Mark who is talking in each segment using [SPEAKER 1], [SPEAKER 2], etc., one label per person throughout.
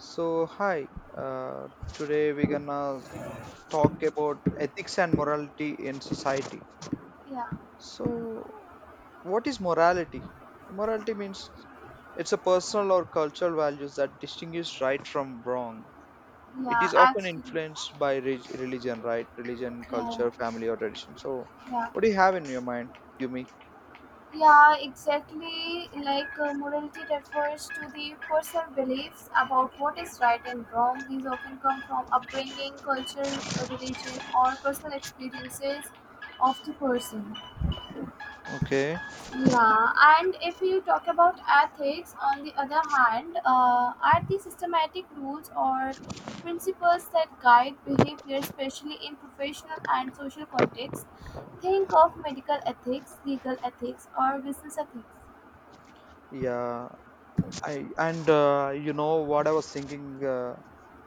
[SPEAKER 1] So, hi, today we're gonna talk about ethics and morality in society.
[SPEAKER 2] Yeah,
[SPEAKER 1] So, what is morality? Morality means it's a personal or cultural values that distinguish right from wrong. It
[SPEAKER 2] yeah,
[SPEAKER 1] is often
[SPEAKER 2] absolutely.
[SPEAKER 1] influenced by religion, right? Religion,
[SPEAKER 2] Yeah,
[SPEAKER 1] culture, family, or tradition. So,
[SPEAKER 2] yeah,
[SPEAKER 1] what do you have in your mind, Yumi?
[SPEAKER 2] yeah, exactly. Like morality refers to the personal beliefs about what is right and wrong. These often come from upbringing, culture, religion, or personal experiences of the person.
[SPEAKER 1] Okay.
[SPEAKER 2] Yeah, and if you talk about ethics, on the other hand, are the systematic rules or principles that guide behavior, especially in professional and social contexts. Think of medical ethics, legal ethics, or business ethics.
[SPEAKER 1] Yeah. I and you know what I was thinking,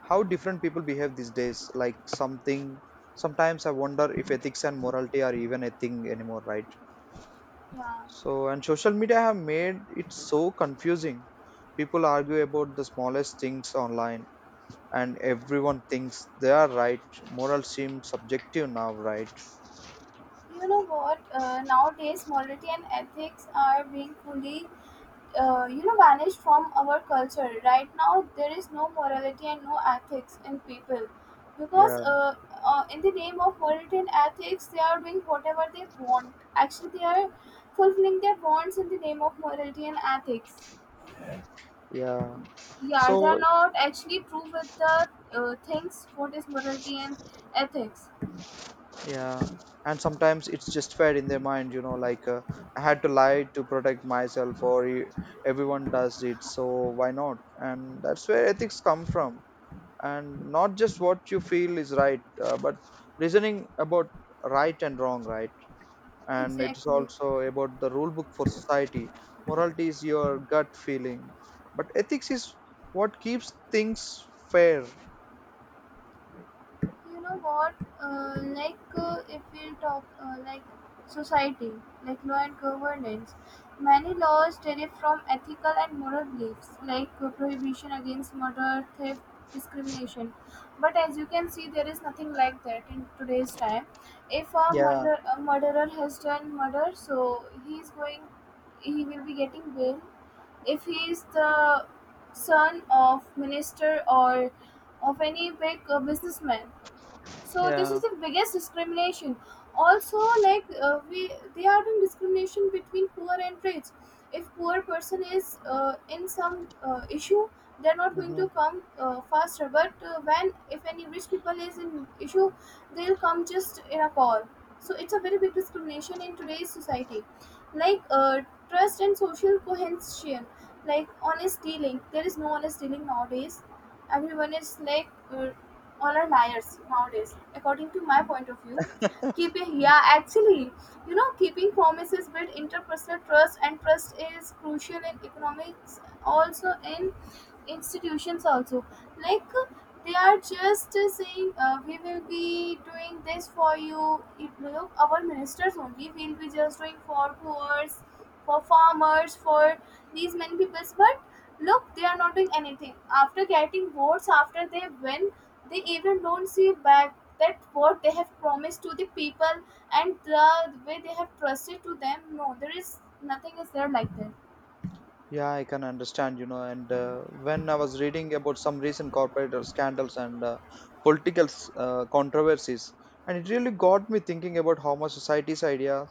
[SPEAKER 1] how different people behave these days. Sometimes I wonder if ethics and morality are even a thing anymore, right?
[SPEAKER 2] Yeah.
[SPEAKER 1] So, and social media have made it so confusing. People argue about the smallest things online, and everyone thinks they are right. Moral seems subjective now, right?
[SPEAKER 2] You know what? Nowadays, morality and ethics are being fully, vanished from our culture. Right now, there is no morality and no ethics in people, because
[SPEAKER 1] Yeah,
[SPEAKER 2] in the name of morality and ethics, they are doing whatever they want. Actually, they are fulfilling their wants in the name of morality and ethics.
[SPEAKER 1] yeah.
[SPEAKER 2] Yeah, they are
[SPEAKER 1] So.
[SPEAKER 2] not actually true with the things. What is morality and ethics?
[SPEAKER 1] Yeah, and sometimes it's just fed in their mind, like I had to lie to protect myself, or everyone does it, so why not? And that's where ethics come from, and not just what you feel is right, but reasoning about right and wrong, right? And it is
[SPEAKER 2] Exactly.
[SPEAKER 1] also about the rule book for society. Morality is your gut feeling, but ethics is what keeps things fair.
[SPEAKER 2] You know what? Like if we talk, like society, like law and governance, many laws derive from ethical and moral beliefs, like prohibition against murder, theft, discrimination. But as you can see, there is nothing like that in today's time. If a
[SPEAKER 1] Yeah,
[SPEAKER 2] murderer, has done murder, so he is going he will be getting bail if he is the son of minister, or of any big businessman. So this is
[SPEAKER 1] yeah.
[SPEAKER 2] the biggest discrimination. Also, like we they are doing discrimination between poor and rich. If poor person is in some issue, they're not going to
[SPEAKER 1] Mhm.
[SPEAKER 2] come faster, but when if any rich people is in issue, they'll come just in a call. So it's a very big discrimination in today's society. Like trust and social cohesion, like honest dealing. There is no honest dealing nowadays. Everyone is like all are liars nowadays, according to my point of view. Keeping Yeah, actually, keeping promises build interpersonal trust, and trust is crucial in economics, also in institutions also. Like they are just saying, we will be doing this for you. It look, our ministers only will be just doing for poors, for farmers, for these many peoples. But look, they are not doing anything. After getting votes, after they win, they even don't see back that what they have promised to the people and the way they have trusted to them. No, there is nothing is there like that.
[SPEAKER 1] Yeah, I can understand. And when I was reading about some recent corporate scandals and political controversies, and it really got me thinking about how much society's idea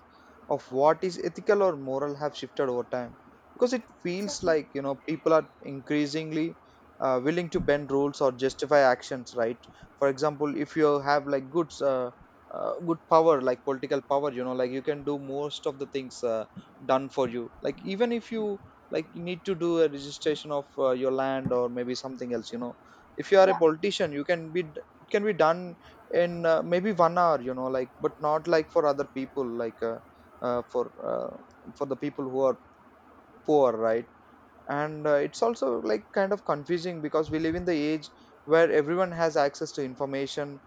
[SPEAKER 1] of what is ethical or moral have shifted over time. Because it feels
[SPEAKER 2] Exactly.
[SPEAKER 1] like, people are increasingly willing to bend rules or justify actions, right? For example, if you have like good power, like political power, like you can do most of the things done for you. Like even if you like you need to do a registration of your land or maybe something else. If you are a
[SPEAKER 2] Yeah.
[SPEAKER 1] politician you can be it can be done in maybe 1 hour you know like but not like for other people uh, for uh, for the people who are poor, right? And it's also like kind of confusing because we live in the age where everyone has access to information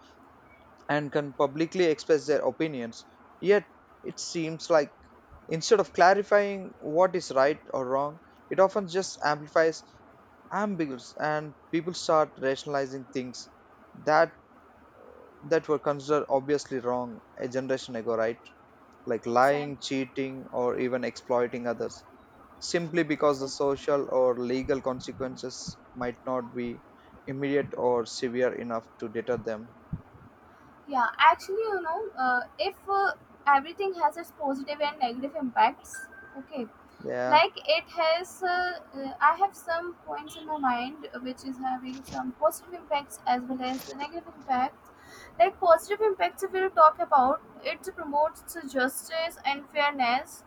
[SPEAKER 1] and can publicly express their opinions, yet it seems like instead of clarifying what is right or wrong, it often just amplifies ambiguous, and people start rationalizing things that that were considered obviously wrong a generation ago, right? Like lying,
[SPEAKER 2] Exactly.
[SPEAKER 1] cheating, or even exploiting others simply because the
[SPEAKER 2] Exactly.
[SPEAKER 1] social or legal consequences might not be immediate or severe enough to deter them.
[SPEAKER 2] Yeah, actually, if everything has its positive and negative impacts, okay,
[SPEAKER 1] Yeah.
[SPEAKER 2] like it has, I have some points in my mind which is having some positive impacts as well as the negative impacts. Like positive impacts, if we'll talk about, it promotes justice and fairness,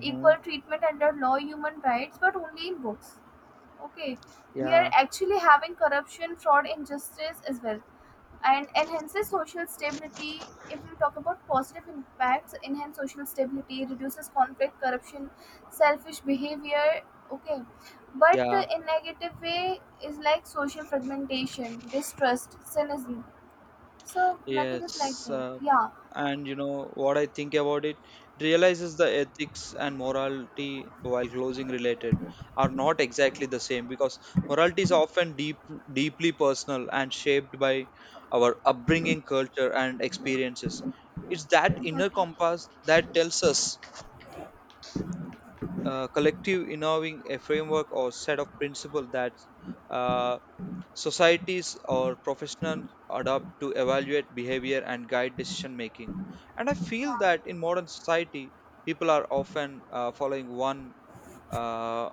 [SPEAKER 2] equal treatment under law, human rights, but only in books. Okay, we are
[SPEAKER 1] Yeah,
[SPEAKER 2] actually having corruption, fraud, injustice as well, and enhances social stability. If we talk about positive impacts, enhance social stability, reduces conflict, corruption, selfish behavior. Okay, but
[SPEAKER 1] yeah.
[SPEAKER 2] in negative way is like social fragmentation, distrust, cynicism. So nothing is like
[SPEAKER 1] Yes,
[SPEAKER 2] that. Yeah,
[SPEAKER 1] and you know what I think about it, it realizes the ethics and morality while closing related are not exactly the same because morality is often deeply personal and shaped by our upbringing, culture, and experiences. It's that inner
[SPEAKER 2] exactly.
[SPEAKER 1] compass that tells us collective involving a framework or set of principles that uh, societies or professionals adopt to evaluate behavior and guide decision making. And I feel
[SPEAKER 2] Yeah,
[SPEAKER 1] that in modern society people are often following uh,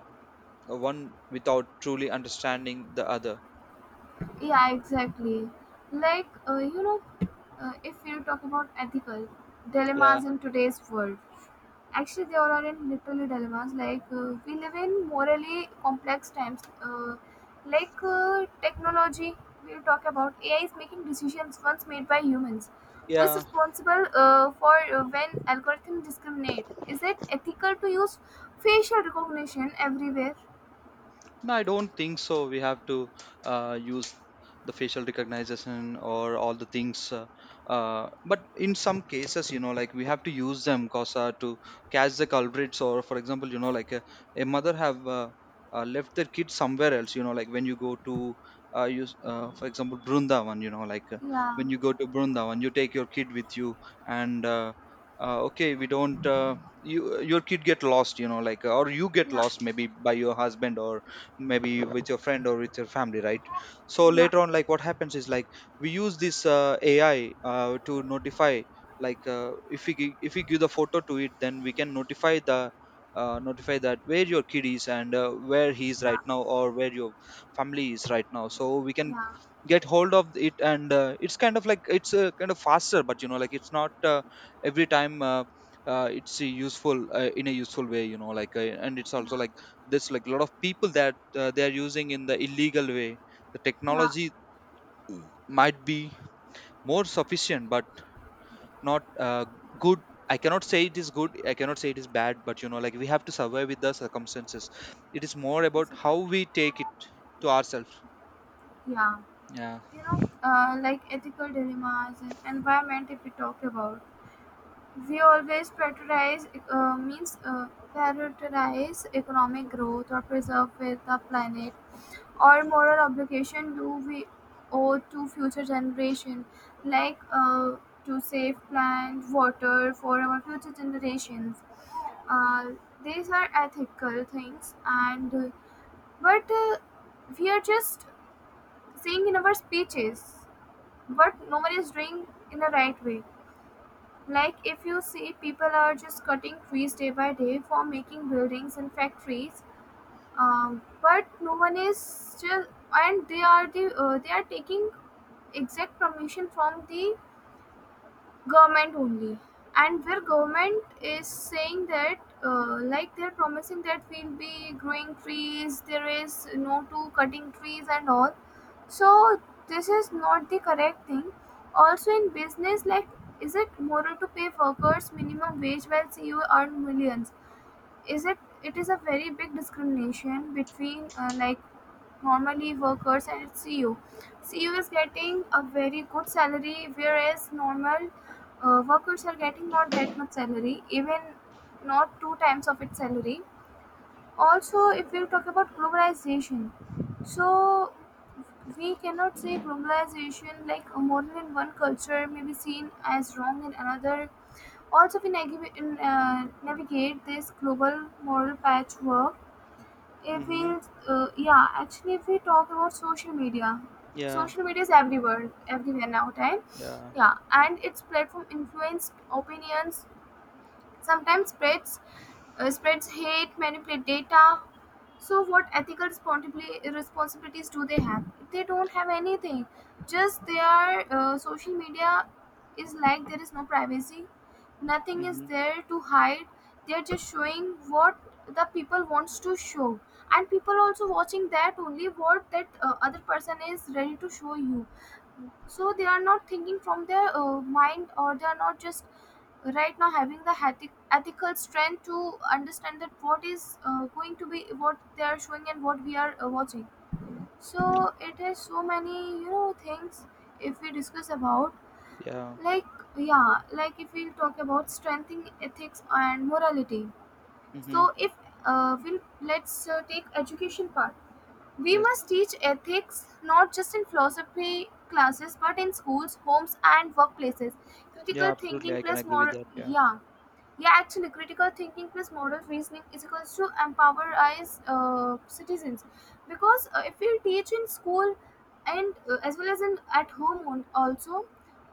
[SPEAKER 1] one without truly understanding the other.
[SPEAKER 2] yeah, exactly. Like if you talk about ethical
[SPEAKER 1] Yeah,
[SPEAKER 2] dilemmas in today's world, actually, they all are in literally dilemmas. Like we live in morally complex times. Like technology, we'll talk about AI is making decisions once made by humans. Who is
[SPEAKER 1] yeah.
[SPEAKER 2] responsible for when algorithms discriminate? Is it ethical to use facial recognition everywhere?
[SPEAKER 1] No, I don't think so. We have to use the facial recognition or all the things. But in some cases, like we have to use them cause to catch the culprits. Or for example, like a mother have left their kid somewhere else. Like when you go to use, for example, Brundavan. You know, like uh,
[SPEAKER 2] Yeah,
[SPEAKER 1] when you go to Brundavan, you take your kid with you, and okay, we don't. Your kid get lost, like, or you get
[SPEAKER 2] yeah,
[SPEAKER 1] lost maybe by your husband or maybe with your friend or with your family, right? So
[SPEAKER 2] yeah,
[SPEAKER 1] later on like what happens is like we use this AI to notify, like if we if we give the photo to it, then we can notify the notify that where your kid is, and where he is
[SPEAKER 2] yeah,
[SPEAKER 1] right now, or where your family is right now, so we can
[SPEAKER 2] yeah,
[SPEAKER 1] get hold of it. And it's kind of like it's kind of faster, but you know like it's not every time it's useful in a useful way, you know, like and it's
[SPEAKER 2] yeah,
[SPEAKER 1] also like there's like a lot of people that they are using in the illegal way the
[SPEAKER 2] yeah.
[SPEAKER 1] technology might be more sufficient, but not good. I cannot say it is good, I cannot say it is bad, but you know like we have to survive with the circumstances. It is more about
[SPEAKER 2] Exactly.
[SPEAKER 1] how we take it to ourselves.
[SPEAKER 2] Yeah,
[SPEAKER 1] Yeah.
[SPEAKER 2] like ethical dilemmas and environment. If we talk about We always prioritize means prioritize economic growth, or preserve with the planet, or moral obligation do we owe to future generation. Like to save plant water for our future generations. uh, these are ethical things, and but we are just saying in our speeches, but no one is doing in the right way. Like if you see, people are just cutting trees day by day for making buildings and factories, but no one is just, and they are taking exact permission from the government only, and where government is saying that like they're promising that we'll be growing trees, there is no to cutting trees and all, so this is not the correct thing. Also in business, like is it moral to pay workers minimum wage while CEO earn millions? Is it It is a very big discrimination between like normally workers and CEO. CEO is getting a very good salary, whereas normal workers are getting not that much salary, even not two times of its salary. Also, if we talk about globalization, so we cannot say globalization like a model in one culture may be seen as wrong in another. Also, we navigate this global moral patchwork. If we,
[SPEAKER 1] Mm-hmm.
[SPEAKER 2] Yeah, actually, if we talk about
[SPEAKER 1] Yeah.
[SPEAKER 2] social media is everywhere, everywhere now time.
[SPEAKER 1] Yeah.
[SPEAKER 2] Yeah, and its platform influenced opinions, sometimes spreads hate, manipulate data. So, what ethical responsibilities do they have? They don't have anything. Just their social media is like there is no privacy. Nothing is
[SPEAKER 1] Mm-hmm.
[SPEAKER 2] there to hide. They're just showing what the people wants to show, and people also watching that only what that other person is ready to show you, so they are not thinking from their mind, or they are not just right now having the ethical strength to understand that what is going to be what they are showing, and what we are watching. So it has so many things, if we discuss about.
[SPEAKER 1] Yeah.
[SPEAKER 2] Like, yeah, like if we talk about strengthening ethics and morality, so
[SPEAKER 1] Mm-hmm.
[SPEAKER 2] if we'll let's take education part, we
[SPEAKER 1] Yes.
[SPEAKER 2] must teach ethics not just in philosophy classes, but in schools, homes, and workplaces. Critical
[SPEAKER 1] Yeah, absolutely,
[SPEAKER 2] thinking
[SPEAKER 1] I can
[SPEAKER 2] plus
[SPEAKER 1] agree with
[SPEAKER 2] more,
[SPEAKER 1] that. Yeah,
[SPEAKER 2] yeah. Yeah, actually, critical thinking plus moral reasoning is equals to empower us citizens, because if we teach in school, and as well as in at home also,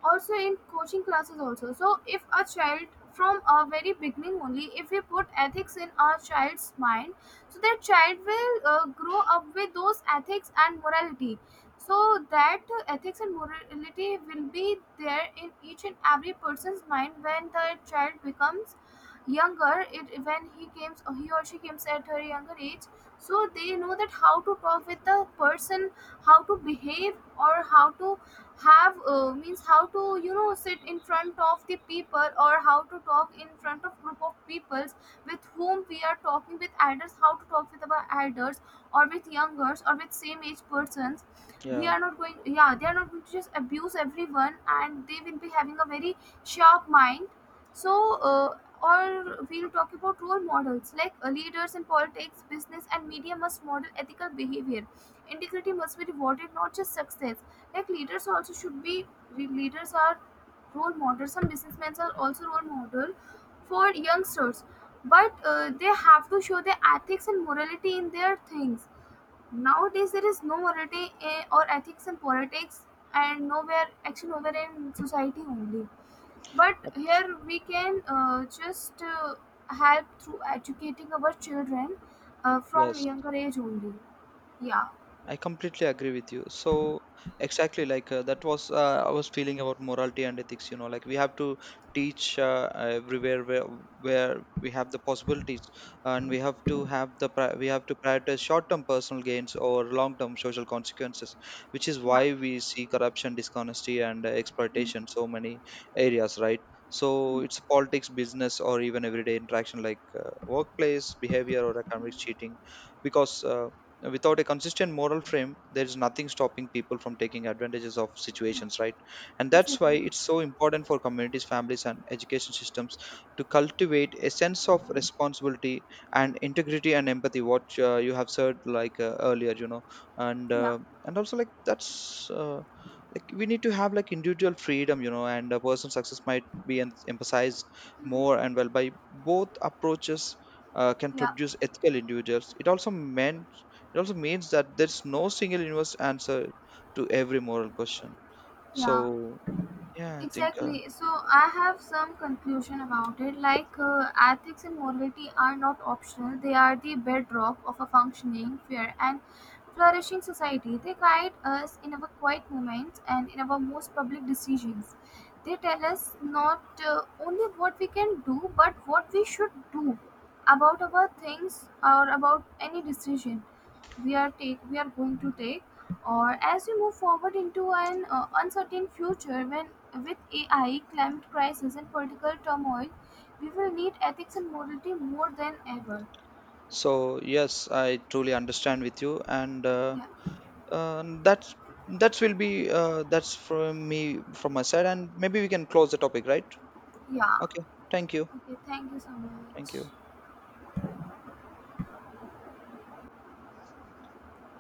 [SPEAKER 2] also in coaching classes also. So if a child from a very beginning only, if we put ethics in our child's mind, so that child will grow up with those ethics and morality. So that ethics and morality will be there in each and every person's mind. When the child becomes younger, it when he came he or she comes at her younger age, so they know that how to talk with the person, how to behave, or how to have means how to sit in front of the people, or how to talk in front of group of peoples. With whom we are talking, with elders, how to talk with our elders, or with youngers, or with same age persons. We
[SPEAKER 1] yeah.
[SPEAKER 2] are not going Yeah, they are not going to just abuse everyone, and they will be having a very sharp mind. So or we'll talk about role models, like leaders in politics, business, and media must model ethical behavior. Integrity must be rewarded, not just success. Like leaders also should be leaders are role models. Some businessmen are also role model for youngsters, but they have to show their ethics and morality in their things. Nowadays there is no morality or ethics in politics, and nowhere, actually nowhere in society only. But
[SPEAKER 1] Ab-
[SPEAKER 2] here we can just help through educating our children from
[SPEAKER 1] yes
[SPEAKER 2] younger age only. Yeah.
[SPEAKER 1] I completely agree with you. So exactly like that was I was feeling about morality and ethics. Like we have to teach everywhere where we have the possibilities, and we have to prioritize short-term personal gains or long-term social consequences, which is
[SPEAKER 2] Yeah.
[SPEAKER 1] why we see corruption, dishonesty, and
[SPEAKER 2] Mm.
[SPEAKER 1] exploitation so many areas, right? So
[SPEAKER 2] Mm.
[SPEAKER 1] it's politics, business, or even everyday interaction like workplace behavior or economic cheating, because. Without a consistent moral frame there is nothing stopping people from taking advantages of
[SPEAKER 2] Yeah,
[SPEAKER 1] situations, right? And that's why
[SPEAKER 2] exactly.
[SPEAKER 1] it's so important for communities, families, and education systems to cultivate a sense of responsibility and integrity and empathy what you have said like earlier. And
[SPEAKER 2] Yeah.
[SPEAKER 1] also like that's like we need to have like individual freedom, and a personal success might be emphasized more and
[SPEAKER 2] Mm.
[SPEAKER 1] well by both approaches can
[SPEAKER 2] Yeah.
[SPEAKER 1] produce ethical individuals. It also means that there's no single universal answer to every moral question.
[SPEAKER 2] Yeah.
[SPEAKER 1] So, yeah, I think
[SPEAKER 2] Exactly. So I have some conclusion about it. Like ethics and morality are not optional; they are the bedrock of a functioning, fair, and flourishing society. They guide us in our quiet moments and in our most public decisions. They tell us not uh, only what we can do, but what we should do about our things, or about any decision we are going to take. Or as we move forward into an uncertain future, when with AI, climate crisis, and political turmoil, we will need ethics and morality more than ever.
[SPEAKER 1] so. Yes, I truly understand with you, and
[SPEAKER 2] Yeah.
[SPEAKER 1] that's that will be that's from me from my side, and maybe we can close the topic, right?
[SPEAKER 2] Yeah.
[SPEAKER 1] Okay, thank you,
[SPEAKER 2] Okay, thank you so much.
[SPEAKER 1] thank you.